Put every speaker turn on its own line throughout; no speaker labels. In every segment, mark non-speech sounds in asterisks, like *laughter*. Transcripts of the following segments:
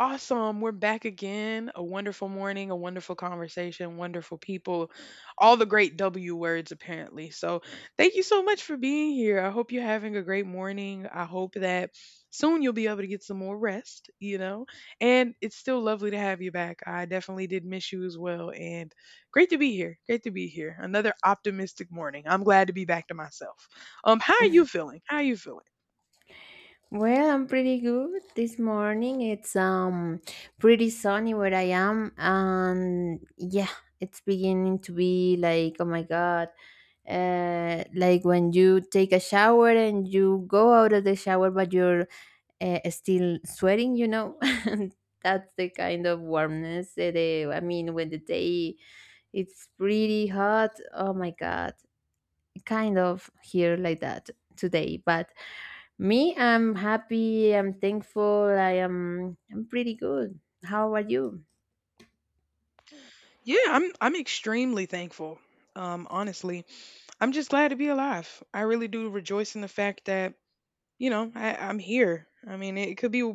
Awesome. We're back again. A wonderful morning, a wonderful conversation, wonderful people, all the great W words, apparently. So, thank you so much for being here. I hope you're having a great morning. I hope that soon you'll be able to get some more rest, you know? And it's still lovely to have you back. I definitely did miss you as well. And great to be here. Great to be here. Another optimistic morning. I'm glad to be back to myself. How are you feeling? How are you feeling?
Well, I'm pretty good this morning. It's pretty sunny where I am, and yeah, it's beginning to be like, oh my God, like when you take a shower and you go out of the shower, but you're still sweating, you know. *laughs* That's the kind of warmness. That, I mean, when the day it's pretty hot, oh my God, kind of here like that today, but. Me, I'm happy, I'm thankful, I'm pretty good. How are you?
Yeah, I'm extremely thankful. Honestly. I'm just glad to be alive. I really do rejoice in the fact that you know I'm here. I mean,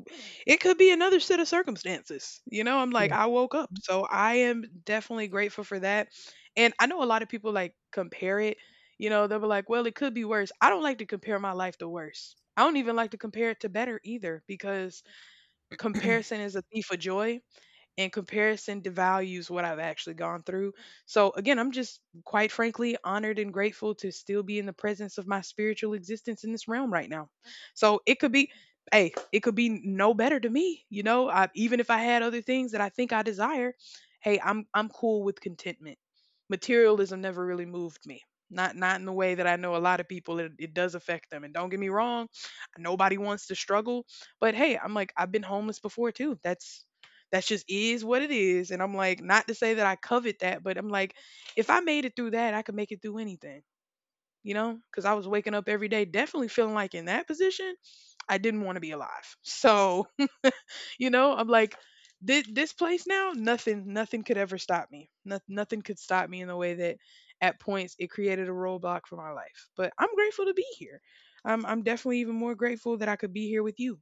it could be another set of circumstances. You know, I'm like
Yeah.
I woke up, so I am definitely grateful for that. And I know a lot of people like compare it. You know, they'll be like, "Well, it could be worse." I don't like to compare my life to worse. I don't even like to compare it to better either because comparison is a thief of joy and comparison devalues what I've actually gone through. So, again, I'm just quite frankly honored and grateful to still be in the presence of my spiritual existence in this realm right now. So, it could be, hey, it could be no better to me. You know, I, even if I had other things that I think I desire, hey, I'm cool with contentment. Materialism never really moved me. Not in the way that I know a lot of people it does affect them. And don't get me wrong, nobody wants to struggle, but hey, I'm like I've been homeless before too. That's just is what it is. And I'm like, not to say that I covet that, but I'm like, if I made it through that, I could make it through anything, you know? Because I was waking up every day definitely feeling like in that position, I didn't want to be alive. So, *laughs* you know, I'm like, this place now, nothing could ever stop me. No, nothing could stop me in the way that at points it created a roadblock for my life. But I'm grateful to be here. I'm definitely even more grateful that I could be here with you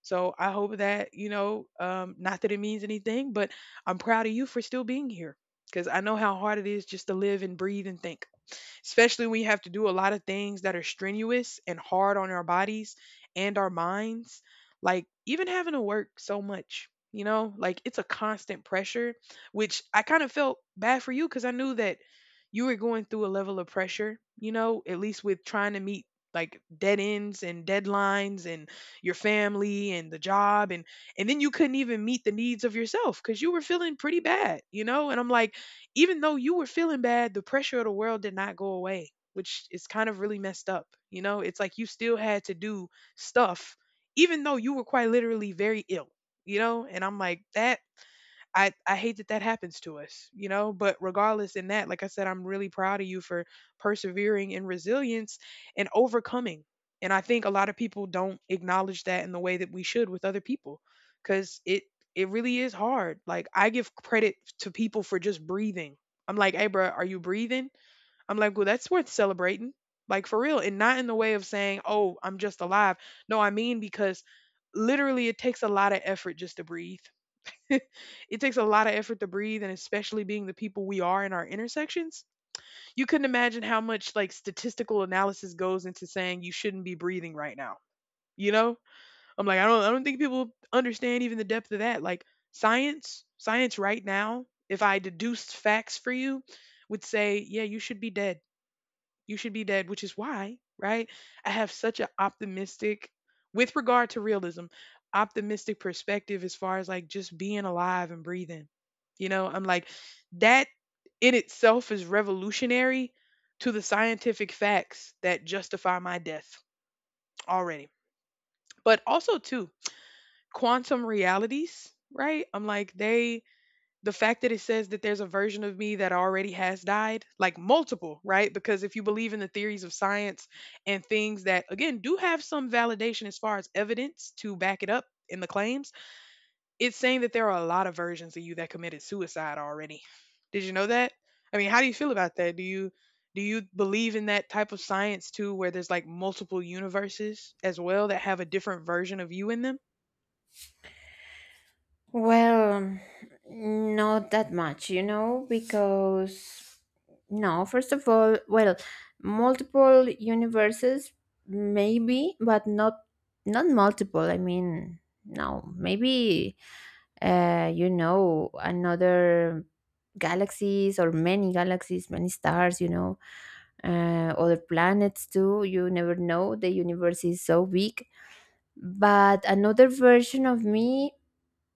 so I hope that, you know, not that it means anything, but I'm proud of you for still being here because I know how hard it is just to live and breathe and think especially when you have to do a lot of things that are strenuous and hard on our bodies and our minds. Like, even having to work so much, you know, like it's a constant pressure, which I kind of felt bad for you because I knew that you were going through a level of pressure, you know, at least with trying to meet like dead ends and deadlines and your family and the job and then you couldn't even meet the needs of yourself cuz you were feeling pretty bad, you know? And I'm like even though you were feeling bad, the pressure of the world did not go away, which is kind of really messed up. You know, it's like you still had to do stuff, even though you were quite literally very ill, you know? And I'm like, that I hate that that happens to us, you know, but regardless in that, like I said, I'm really proud of you for persevering and resilience and overcoming. And I think a lot of people don't acknowledge that in the way that we should with other people cuz it really is hard. Like I give credit to people for just breathing. I'm like, "Hey bro, are you breathing?" I'm like, "Well, that's worth celebrating." Like for real, and not in the way of saying, "Oh, I'm just alive." No, I mean because literally it takes a lot of effort just to breathe *laughs* it takes a lot of effort to breathe and especially being the people we are in our intersections. You couldn't imagine how much like statistical analysis goes into saying you shouldn't be breathing right now, you know. I'm like I don't think people understand even the depth of that. Like science right now, if I deduced facts for you, would say yeah, you should be dead. You should be dead, which is why, right? I have such an optimistic, with regard to realism, optimistic perspective as far as like just being alive and breathing. You know, I'm like, that in itself is revolutionary to the scientific facts that justify my death already. But also, too, quantum realities, right? I'm like, the fact that it says that there's a version of me that already has died, like multiple, right? Because if you believe in the theories of science and things that, again, do have some validation as far as evidence to back it up in the claims, it's saying that there are a lot of versions of you that committed suicide already. Did you know that? I mean, how do you feel about that? Do you believe in that type of science too where there's like multiple universes as well that have a different version of you in them?
Well, not that much, you know, because no, first of all, well, multiple universes maybe, but not multiple. I mean, no, maybe you know, another galaxies or many galaxies, many stars, you know, other planets too. You never know. The universe is so big. But another version of me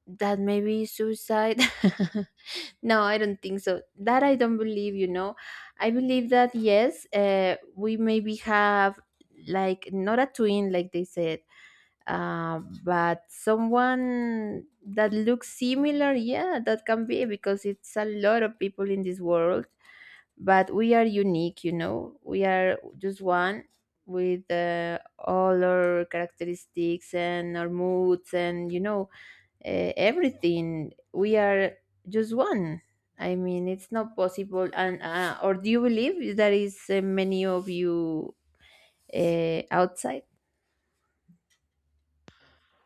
that maybe is suicide. *laughs* No, I don't think so. That I don't believe, you know. I believe that yes, we maybe have like not a twin, like they said, but someone that looks similar, yeah, that can be because it's a lot of people in this world, but we are unique, you know, we are just one with all our characteristics and our moods and you know, everything we are, just one. I mean, it's not possible. And or do you believe that is many of you outside?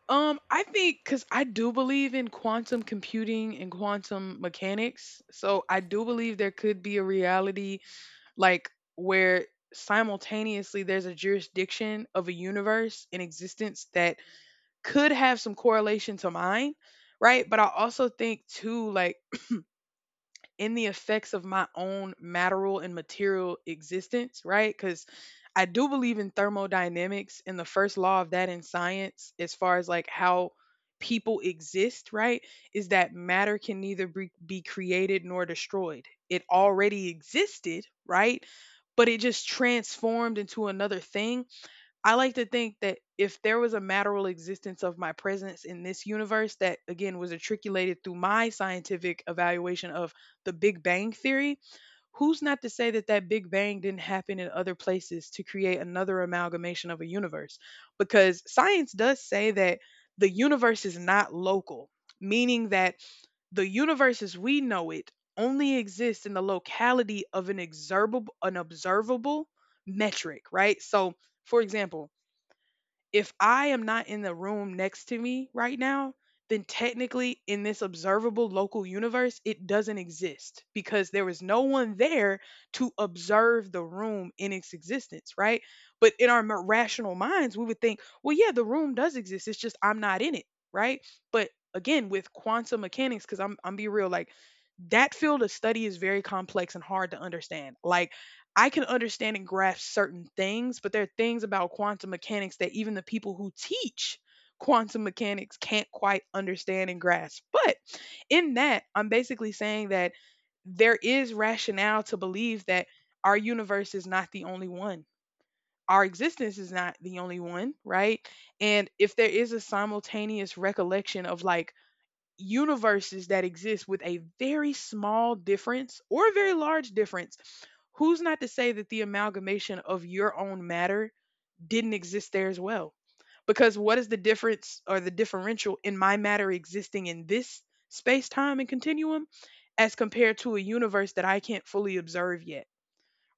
I think because I do believe in quantum computing and quantum mechanics. So I do believe there could be a reality like where simultaneously there's a jurisdiction of a universe in existence that could have some correlation to mine, right? But I also think too, like, in the effects of my own matteral and material existence, right? Because I do believe in thermodynamics and the first law of that in science, as far as like how people exist, right? Is that matter can neither be created nor destroyed. It already existed, right? But it just transformed into another thing. I like to think that if there was a matterable existence of my presence in this universe that, again, was articulated through my scientific evaluation of the Big Bang Theory, who's not to say that that Big Bang didn't happen in other places to create another amalgamation of a universe? Because science does say that the universe is not local, meaning that the universe as we know it only exists in the locality of an observable metric, right? So, for example, if I am not in the room next to me right now, then technically in this observable local universe, it doesn't exist because there was no one there to observe the room in its existence, right? But in our rational minds, we would think, well, yeah, the room does exist. It's just I'm not in it, right? But again, with quantum mechanics, because I'm be real, like that field of study is very complex and hard to understand. Like I can understand and grasp certain things, but there are things about quantum mechanics that even the people who teach quantum mechanics can't quite understand and grasp. But in that, I'm basically saying that there is rationale to believe that our universe is not the only one. Our existence is not the only one, right? And if there is a simultaneous recollection of like universes that exist with a very small difference or a very large difference, who's not to say that the amalgamation of your own matter didn't exist there as well? Because what is the difference or the differential in my matter existing in this space time and continuum as compared to a universe that I can't fully observe yet,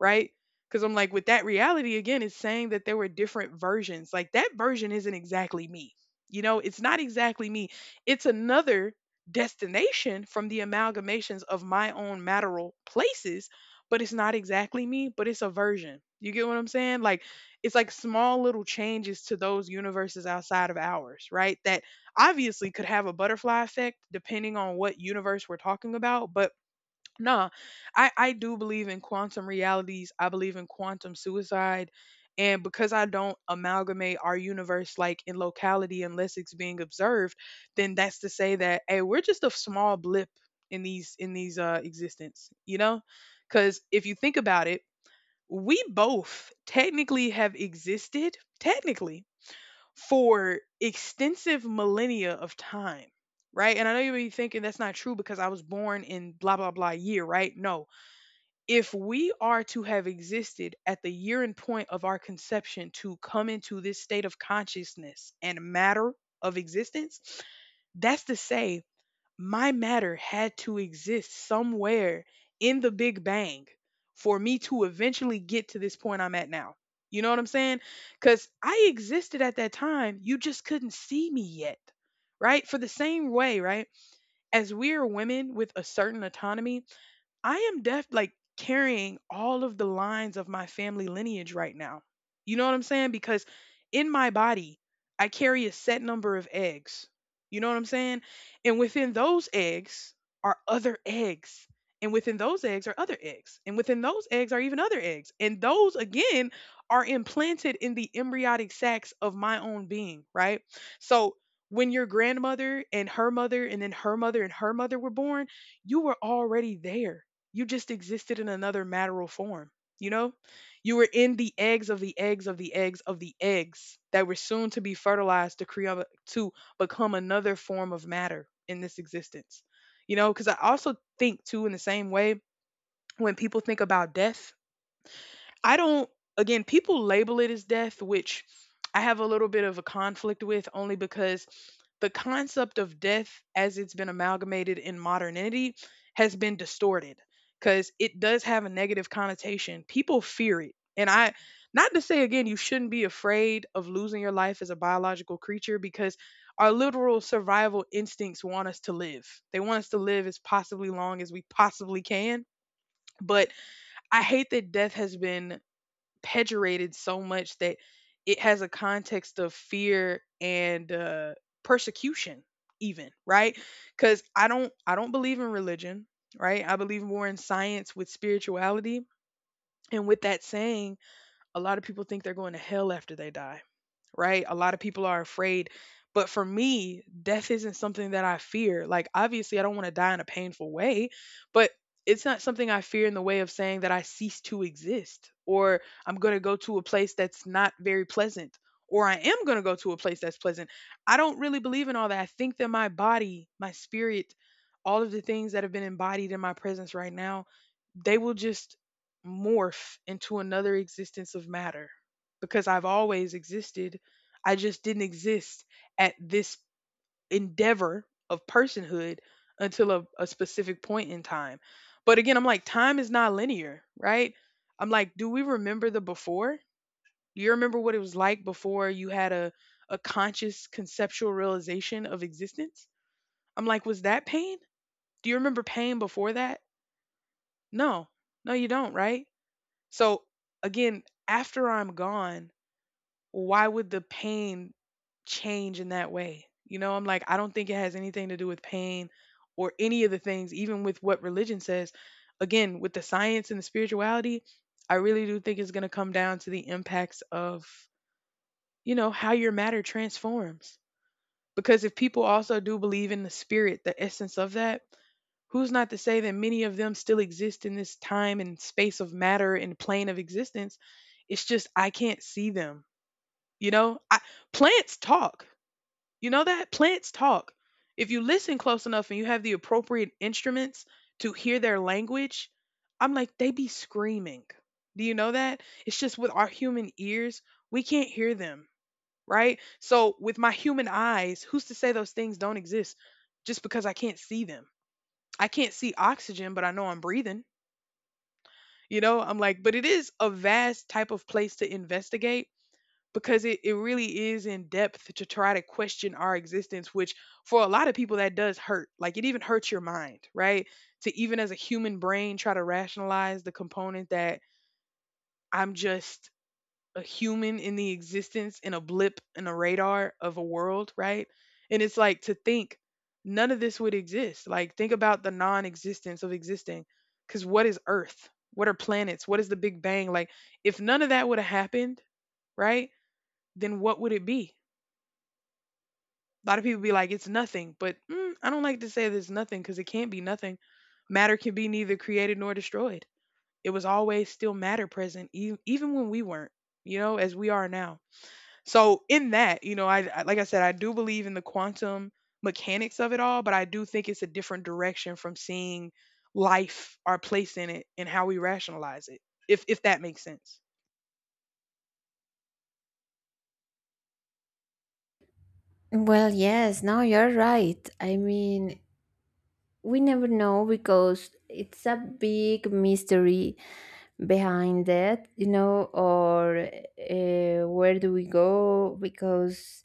right? Because I'm like, with that reality, again, it's saying that there were different versions. Like, that version isn't exactly me. You know, it's not exactly me. It's another destination from the amalgamations of my own maternal places, but it's not exactly me, but it's a version. You get what I'm saying? Like, it's like small little changes to those universes outside of ours, right? That obviously could have a butterfly effect depending on what universe we're talking about, but no, I do believe in quantum realities. I believe in quantum suicide. And because I don't amalgamate our universe like in locality unless it's being observed, then that's to say that hey, we're just a small blip in these in these existence, you know? Cuz if you think about it, we both technically have existed technically for extensive millennia of time, right? And I know you may be thinking that's not true because I was born in blah blah blah year, right? No, if we are to have existed at the year and point of our conception to come into this state of consciousness and matter of existence, that's to say, my matter had to exist somewhere in the Big Bang for me to eventually get to this point I'm at now. You know what I'm saying? Because I existed at that time. You just couldn't see me yet, right? For the same way, right? As we are women with a certain autonomy, I am def like carrying all of the lines of my family lineage right now. You know what I'm saying? Because in my body, I carry a set number of eggs. You know what I'm saying? And within those eggs are other eggs. And within those eggs are other eggs. And within those eggs are even other eggs. And those, again, are implanted in the embryonic sacs of my own being, right? So when your grandmother and her mother and then her mother and her mother were born, you were already there. You just existed in another matteral form. You know, you were in the eggs of the eggs of the eggs of the eggs that were soon to be fertilized to create to become another form of matter in this existence. You know, because I also think too in the same way when people think about death. I don't, again, people label it as death, which I have a little bit of a conflict with only because the concept of death as it's been amalgamated in modernity has been distorted because it does have a negative connotation. People fear it. And I, not to say again, you shouldn't be afraid of losing your life as a biological creature because our literal survival instincts want us to live. They want us to live as possibly long as we possibly can. But I hate that death has been pejorated so much that it has a context of fear and persecution, even, right? Because I don't believe in religion, right. I believe more in science with spirituality, and with that saying, a lot of people think they're going to hell after they die, right? A lot of people are afraid. But for me, death isn't something that I fear. Like, obviously, I don't want to die in a painful way, but it's not something I fear in the way of saying that I cease to exist or I'm going to go to a place that's not very pleasant or I am going to go to a place that's pleasant. I don't really believe in all that. I think that my body, my spirit, all of the things that have been embodied in my presence right now, they will just morph into another existence of matter because I've always existed. I just didn't exist at this endeavor of personhood until a specific point in time. But again, I'm like, time is not linear, right? I'm like, do we remember the before? Do you remember what it was like before you had a conscious conceptual realization of existence? I'm like, was that pain? Do you remember pain before that? No, no, you don't, right? So again, after I'm gone, why would the pain change in that way? You know, I'm like, I don't think it has anything to do with pain or any of the things, even with what religion says. Again, with the science and the spirituality, I really do think it's going to come down to the impacts of, you know, how your matter transforms. Because if people also do believe in the spirit, the essence of that, who's not to say that many of them still exist in this time and space of matter and plane of existence? It's just I can't see them, you know. I, plants talk. You know that? Plants talk. If you listen close enough and you have the appropriate instruments to hear their language, I'm like, they be screaming. Do you know that? It's just with our human ears, we can't hear them, right? So, with my human eyes, who's to say those things don't exist just because I can't see them? I can't see oxygen, but I know I'm breathing. You know, I'm like, but it is a vast type of place to investigate because it really is in depth to try to question our existence, which for a lot of people that does hurt. Like it even hurts your mind, right? To even as a human brain try to rationalize the component that I'm just a human in the existence in a blip in a radar of a world, right? And it's like to think none of this would exist. Like think about the non existence of existing. Cause what is Earth? What are planets? What is the Big Bang? Like if none of that would have happened, right? Then what would it be? A lot of people be like, it's nothing, but I don't like to say that it's nothing because it can't be nothing. Matter can be neither created nor destroyed. It was always still matter present, even when we weren't, you know, as we are now. So in that, you know, I like I said, I do believe in the quantum mechanics of it all, but I do think it's a different direction from seeing life, our place in it, and how we rationalize it. If that makes sense.
Well, yes, no, you're right. I mean, we never know because it's a big mystery behind it, you know, or where do we go? Because,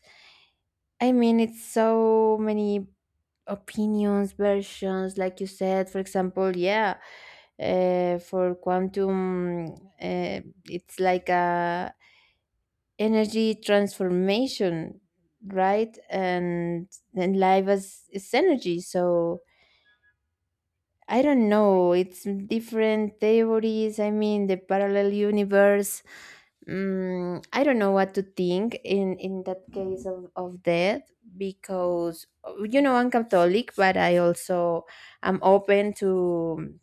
I mean, it's so many opinions, versions, like you said, for example, yeah, for quantum, uh, it's like a energy transformation, right? And life is energy, so I don't know, it's different theories. I mean the parallel universe, mm, I don't know what to think in that case of death, because you know I'm Catholic, but I also am open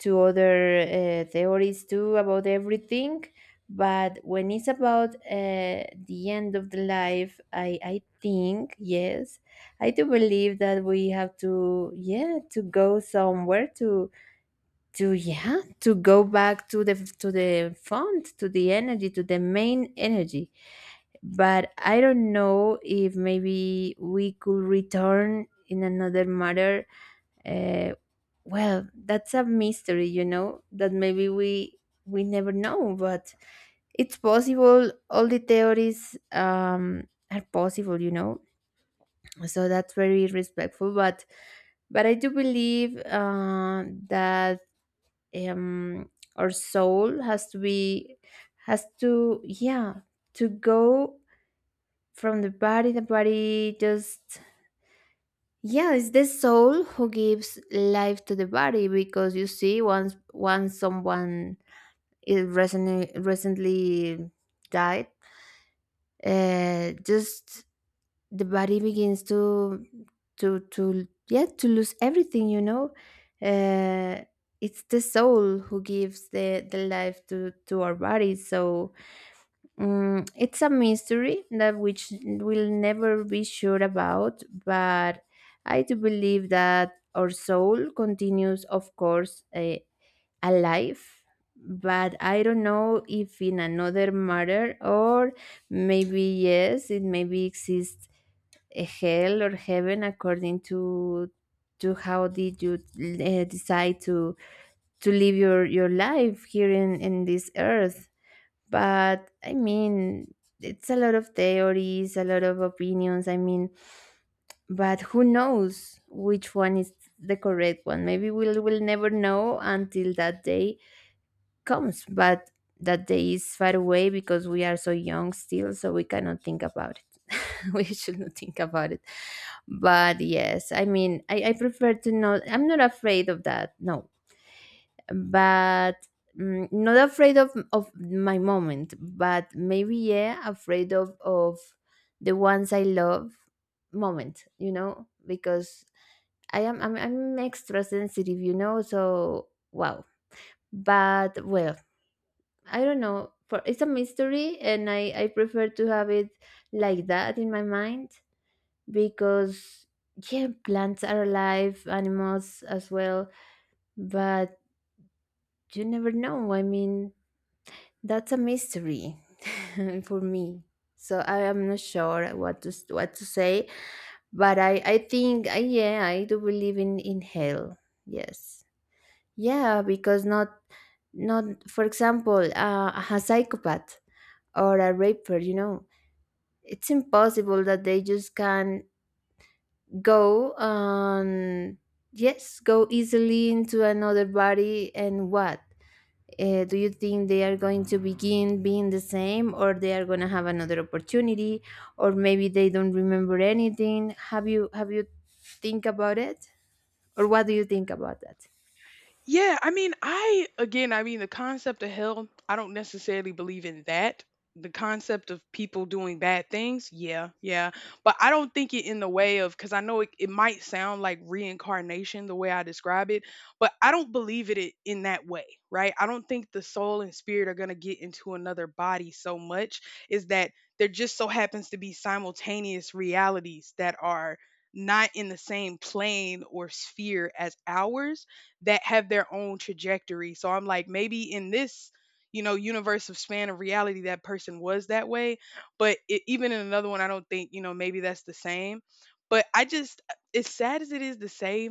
to other theories too about everything. But when it's about the end of the life, I think yes, I do believe that we have to, yeah, to go somewhere, to, yeah, to go back to the font, to the energy, to the main energy. But I don't know if maybe we could return in another matter. uh, well, that's a mystery, you know, that maybe we never know, but it's possible. All the theories are possible, you know. So that's very respectful, but I do believe that um, our soul has to be, has to, yeah, to go from the body. The body just, yeah, it's the soul who gives life to the body. Because you see, once someone is recently died, just the body begins to to, yeah, to lose everything. You know, uh, it's the soul who gives the life to our body. So mm, it's a mystery that which we'll never be sure about, but I do believe that our soul continues, of course, alive. But I don't know if in another matter, or maybe yes, it maybe exists a hell or heaven according to how did you decide to live your life here in this earth. But I mean, it's a lot of theories, a lot of opinions. I mean, but who knows which one is the correct one? Maybe we'll never know until that day comes. But that day is far away because we are so young still, so we cannot think about it. *laughs* We should not think about it. But yes, I mean, I prefer to know. I'm not afraid of that. No, but mm, not afraid of my moment, but maybe, yeah, afraid of the ones I love moment, you know, because I'm extra sensitive, you know, so wow. But well, I don't know, for it's a mystery and I prefer to have it like that in my mind, because yeah, plants are alive, animals as well, but you never know. I mean, that's a mystery *laughs* for me. So I am not sure what to what to say, but I think I, yeah, I do believe in hell. Yes, yeah, because not, not for example, a psychopath or a raper. You know, it's impossible that they just can go and, yes, go easily into another body. And what, uh, do you think they are going to begin being the same, or they are going to have another opportunity, or maybe they don't remember anything? Have you, think about it, or what do you think about that?
Yeah, I mean, I again, I mean, the concept of hell, I don't necessarily believe in that. The concept of people doing bad things, yeah, yeah. But I don't think it in the way of, because I know it, it might sound like reincarnation the way I describe it, but I don't believe it in that way, right? I don't think the soul and spirit are going to get into another body so much, is that there just so happens to be simultaneous realities that are not in the same plane or sphere as ours that have their own trajectory. So I'm like, maybe in this, you know, universe of span of reality, that person was that way. But it, even in another one, I don't think, you know, maybe that's the same. But I just, as sad as it is to say,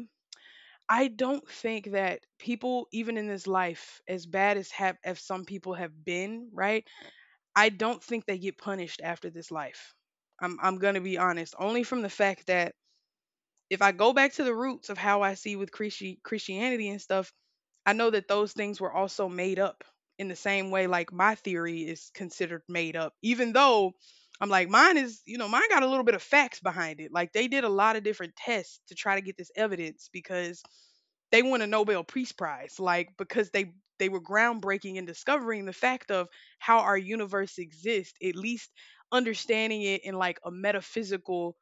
I don't think that people, even in this life, as bad as have as some people have been, right? I don't think they get punished after this life. I'm gonna be honest, only from the fact that if I go back to the roots of how I see with Christianity and stuff, I know that those things were also made up in the same way like my theory is considered made up, even though I'm like, mine is, you know, mine got a little bit of facts behind it. Like they did a lot of different tests to try to get this evidence because they won a Nobel Peace Prize, like because they were groundbreaking in discovering the fact of how our universe exists, at least understanding it in like a metaphysical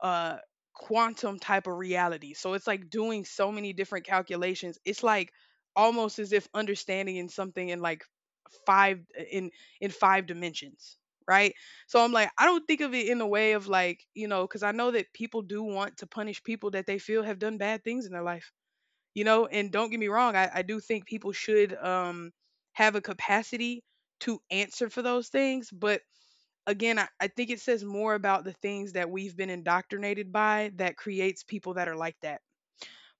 uh quantum type of reality. So it's like doing so many different calculations. It's like almost as if understanding in something in like five in five dimensions, right? So I'm like I don't think of it in the way of like, you know, cuz I know that people do want to punish people that they feel have done bad things in their life. You know, and don't get me wrong, I do think people should have a capacity to answer for those things, but again, I think it says more about the things that we've been indoctrinated by that creates people that are like that.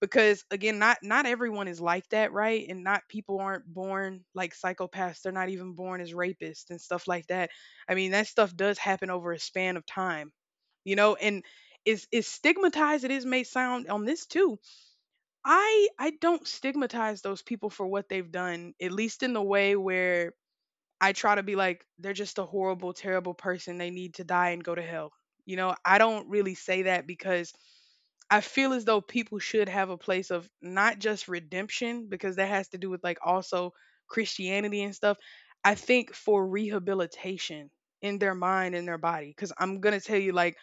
Because again, not everyone is like that, right? And not people aren't born like psychopaths. They're not even born as rapists and stuff like that. I mean, that stuff does happen over a span of time, you know. And is stigmatized it is may sound on this too. I don't stigmatize those people for what they've done, at least in the way where I try to be like, they're just a horrible, terrible person. They need to die and go to hell. You know, I don't really say that because I feel as though people should have a place of not just redemption, because that has to do with like also Christianity and stuff. I think for rehabilitation in their mind and their body. Because I'm going to tell you, like,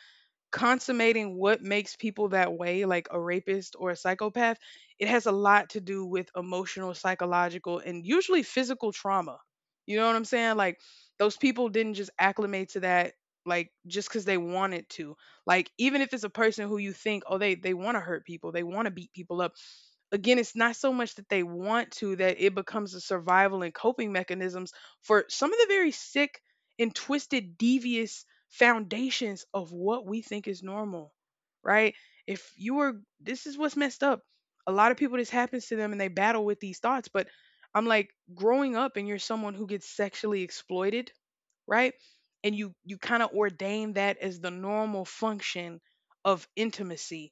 consummating what makes people that way, like a rapist or a psychopath, it has a lot to do with emotional, psychological, and usually physical trauma. You know what I'm saying? Like those people didn't just acclimate to that like just because they wanted to. Like even if it's a person who you think, oh, they want to hurt people, they want to beat people up. Again, it's not so much that they want to that it becomes a survival and coping mechanisms for some of the very sick and twisted, devious foundations of what we think is normal, right? If you were, this is what's messed up. A lot of people, this happens to them and they battle with these thoughts. But I'm like, growing up and you're someone who gets sexually exploited, right? And you kind of ordain that as the normal function of intimacy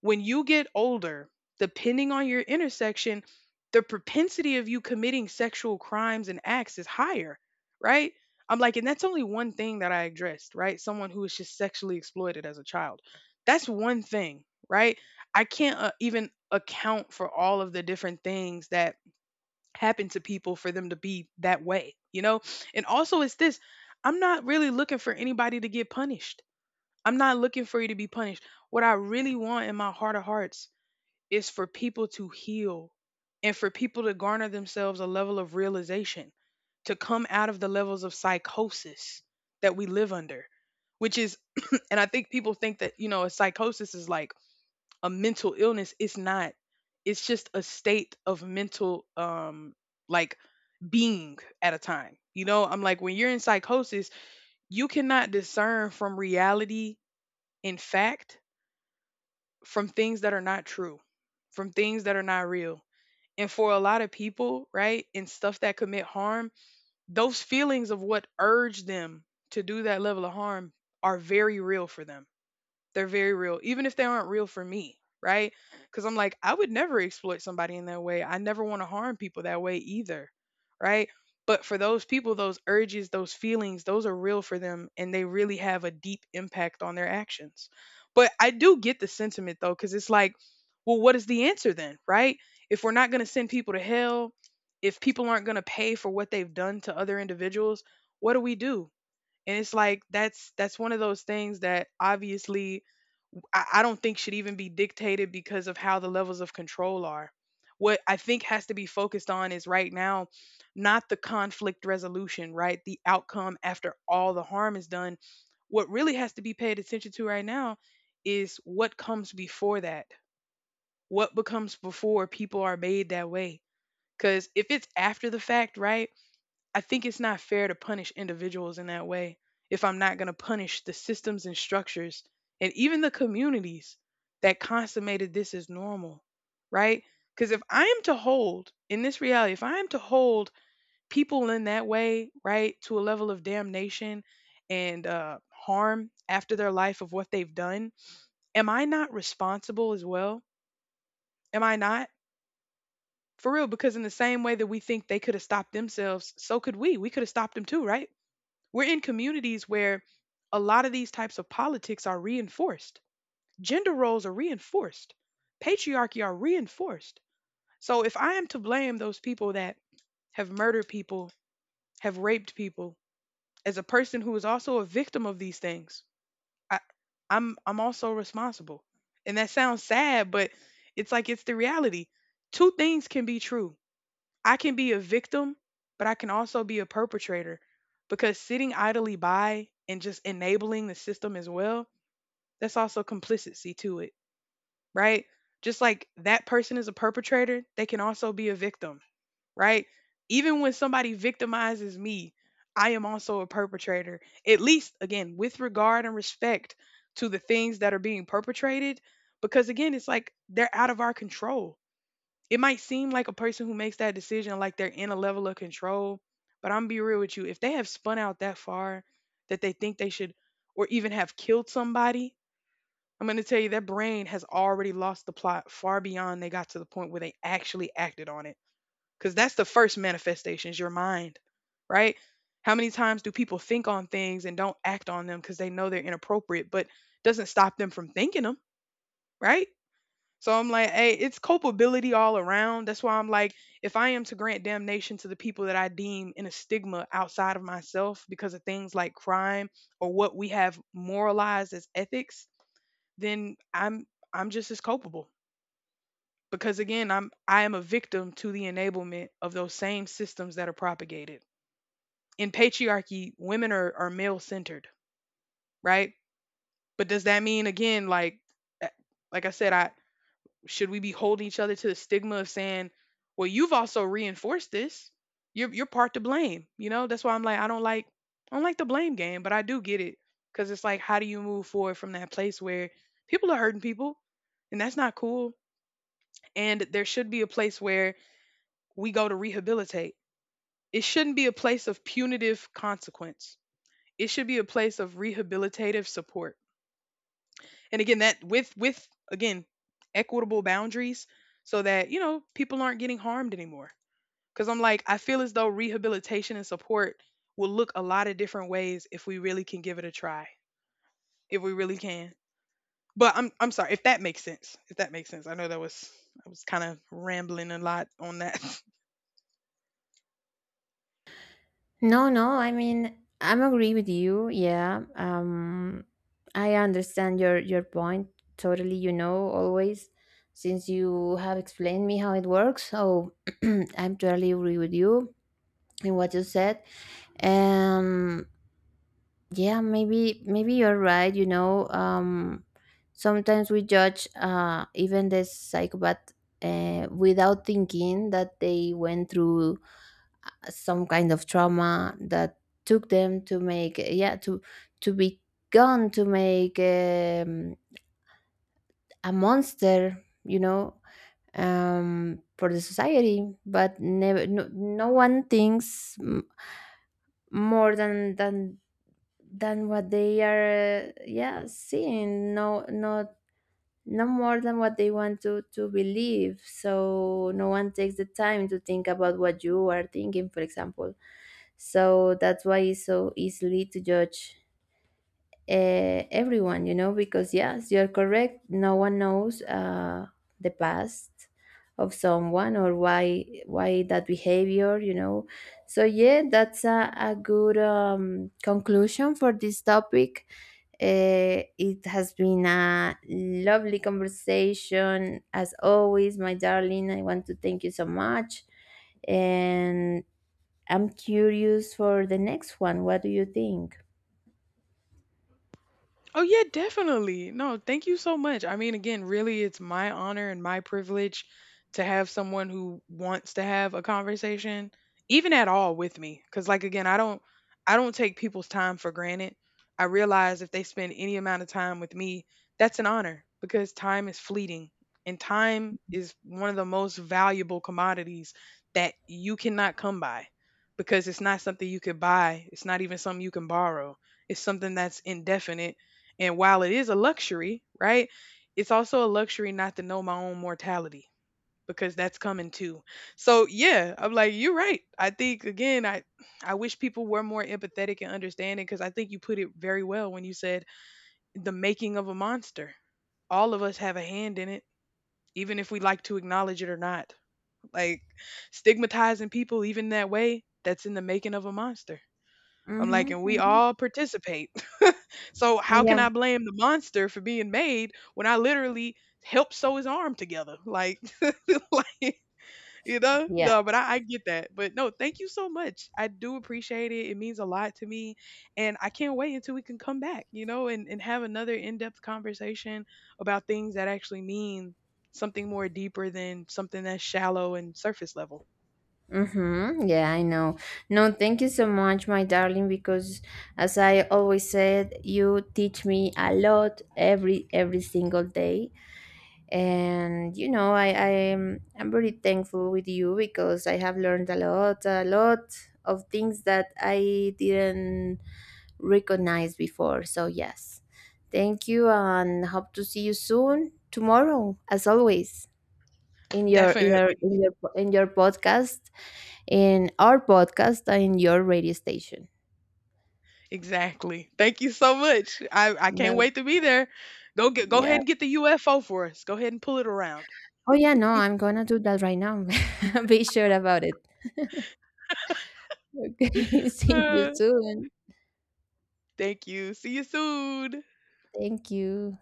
when you get older, depending on your intersection, the propensity of you committing sexual crimes and acts is higher, right? I'm like, and that's only one thing that I addressed, right? Someone who was just sexually exploited as a child. That's one thing, right? I can't even account for all of the different things that happen to people for them to be that way, you know? And also, it's this. I'm not really looking for anybody to get punished. I'm not looking for you to be punished. What I really want in my heart of hearts is for people to heal and for people to garner themselves a level of realization, to come out of the levels of psychosis that we live under, which is, *clears throat* and I think people think that, you know, a psychosis is like a mental illness. It's not, it's just a state of mental, like being at a time. You know, I'm like, when you're in psychosis, you cannot discern from reality in fact from things that are not true, from things that are not real, and for a lot of people, right, and stuff that commit harm, those feelings of what urged them to do that level of harm are very real for them. They're very real, even if they aren't real for me, right? Because I'm like, I would never exploit somebody in that way. I never want to harm people that way either, right? But for those people, those urges, those feelings, those are real for them and they really have a deep impact on their actions. But I do get the sentiment though, because it's like, well, what is the answer then, right? If we're not going to send people to hell, if people aren't going to pay for what they've done to other individuals, what do we do? And it's like that's one of those things that obviously I don't think should even be dictated because of how the levels of control are. What I think has to be focused on is right now, not the conflict resolution, right? The outcome after all the harm is done. What really has to be paid attention to right now is what comes before that. What becomes before people are made that way? Because if it's after the fact, right? I think it's not fair to punish individuals in that way if I'm not going to punish the systems and structures and even the communities that consummated this as normal, right? Because if I am to hold in this reality, if I am to hold people in that way, right, to a level of damnation and harm after their life of what they've done, am I not responsible as well? Am I not? For real, because in the same way that we think they could have stopped themselves, so could we. We could have stopped them too, right? We're in communities where a lot of these types of politics are reinforced. Gender roles are reinforced. Patriarchy are reinforced. So if I am to blame those people that have murdered people, have raped people, as a person who is also a victim of these things, I, I'm also responsible. And that sounds sad, but it's like it's the reality. Two things can be true. I can be a victim, but I can also be a perpetrator because sitting idly by and just enabling the system as well, that's also complicity to it, right? Just like that person is a perpetrator, they can also be a victim, right? Even when somebody victimizes me, I am also a perpetrator, at least again, with regard and respect to the things that are being perpetrated, because again, it's like they're out of our control. It might seem like a person who makes that decision, like they're in a level of control, but I'm be real with you. If they have spun out that far that they think they should or even have killed somebody, I'm going to tell you their brain has already lost the plot far beyond they got to the point where they actually acted on it. Because that's the first manifestation is your mind, right? How many times do people think on things and don't act on them because they know they're inappropriate, but doesn't stop them from thinking them, right? So I'm like, hey, it's culpability all around. That's why I'm like, if I am to grant damnation to the people that I deem in a stigma outside of myself because of things like crime or what we have moralized as ethics, then I'm just as culpable. Because again, I am a victim to the enablement of those same systems that are propagated. In patriarchy, women are male centered, right? But does that mean again, like eh, like I said, I should we be holding each other to the stigma of saying, well, you've also reinforced this. You're part to blame. You know, that's why I'm like, I don't like the blame game, but I do get it. Cause it's like, how do you move forward from that place where people are hurting people? And that's not cool. And there should be a place where we go to rehabilitate. It shouldn't be a place of punitive consequence. It should be a place of rehabilitative support. And again, that with again equitable boundaries so that you know people aren't getting harmed anymore, because I'm like I feel as though rehabilitation and support will look a lot of different ways if we really can give it a try, if we really can. But I'm sorry if that makes sense. If that makes sense. I know that was I was kind of rambling a lot on that. *laughs*
No, no, I mean, I'm agree with you, yeah. I understand your point totally, you know, always, since you have explained me how it works. So *clears throat* I'm totally agree with you in what you said. um yeah, maybe, maybe you're right, you know. Sometimes we judge, even the psychopath, without thinking that they went through some kind of trauma that took them to make, yeah, to be gone, to make a monster, you know, for the society. But never, no, no one thinks, more than what they are, yeah, seeing, no, not no more than what they want to believe. So no one takes the time to think about what you are thinking, for example. So that's why it's so easily to judge everyone, you know, because yes, you're correct. No one knows the past of someone, or why that behavior, you know. So yeah, that's a good conclusion for this topic. It has been a lovely conversation as always, my darling. I want to thank you so much, and I'm curious for the next one. What do you think?
Oh yeah, definitely. No, thank you so much. I mean, again, really, it's my honor and my privilege to have someone who wants to have a conversation, even at all, with me. Because, like, again, I don't take people's time for granted. I realize if they spend any amount of time with me, that's an honor because time is fleeting, and time is one of the most valuable commodities that you cannot come by because it's not something you could buy. It's not even something you can borrow. It's something that's indefinite and while it is a luxury, right? It's also a luxury not to know my own mortality because that's coming too. So yeah, I'm like, you're right. I think again, I wish people were more empathetic and understanding because I think you put it very well when you said the making of a monster. All of us have a hand in it, even if we like to acknowledge it or not. Like stigmatizing people even that way, that's in the making of a monster. I'm like,
Mm-hmm,
and we
mm-hmm.
all participate. *laughs* So how can
Yeah.
I blame the monster for being made when I literally helped sew his arm together? Like, *laughs* like you know,
Yeah.
no, but I get that. But no, thank you so much. I do appreciate it. It means a lot to me. And I can't wait until we can come back, you know, and have another in-depth conversation about things that actually mean something more deeper than something that's shallow and surface level.
Mm-hmm. Yeah, I know. No, thank you so much, my darling, because as I always said, you teach me a lot every single day. And you know, I am I'm very thankful with you because I have learned a lot of things that I didn't recognize before. So yes. Thank you and hope to see you soon tomorrow, as always, in your in your
Definitely.
in your in your podcast. In our podcast and in your radio station.
Exactly. Thank you so much. I can't
No,
wait to be there. Go
yeah.
ahead and get the UFO for us. Go ahead and pull it around.
Oh, yeah, no, I'm gonna do that right now. *laughs* Be sure about it. Okay, *laughs* see you
Uh,
soon.
Thank you. See you soon.
Thank you.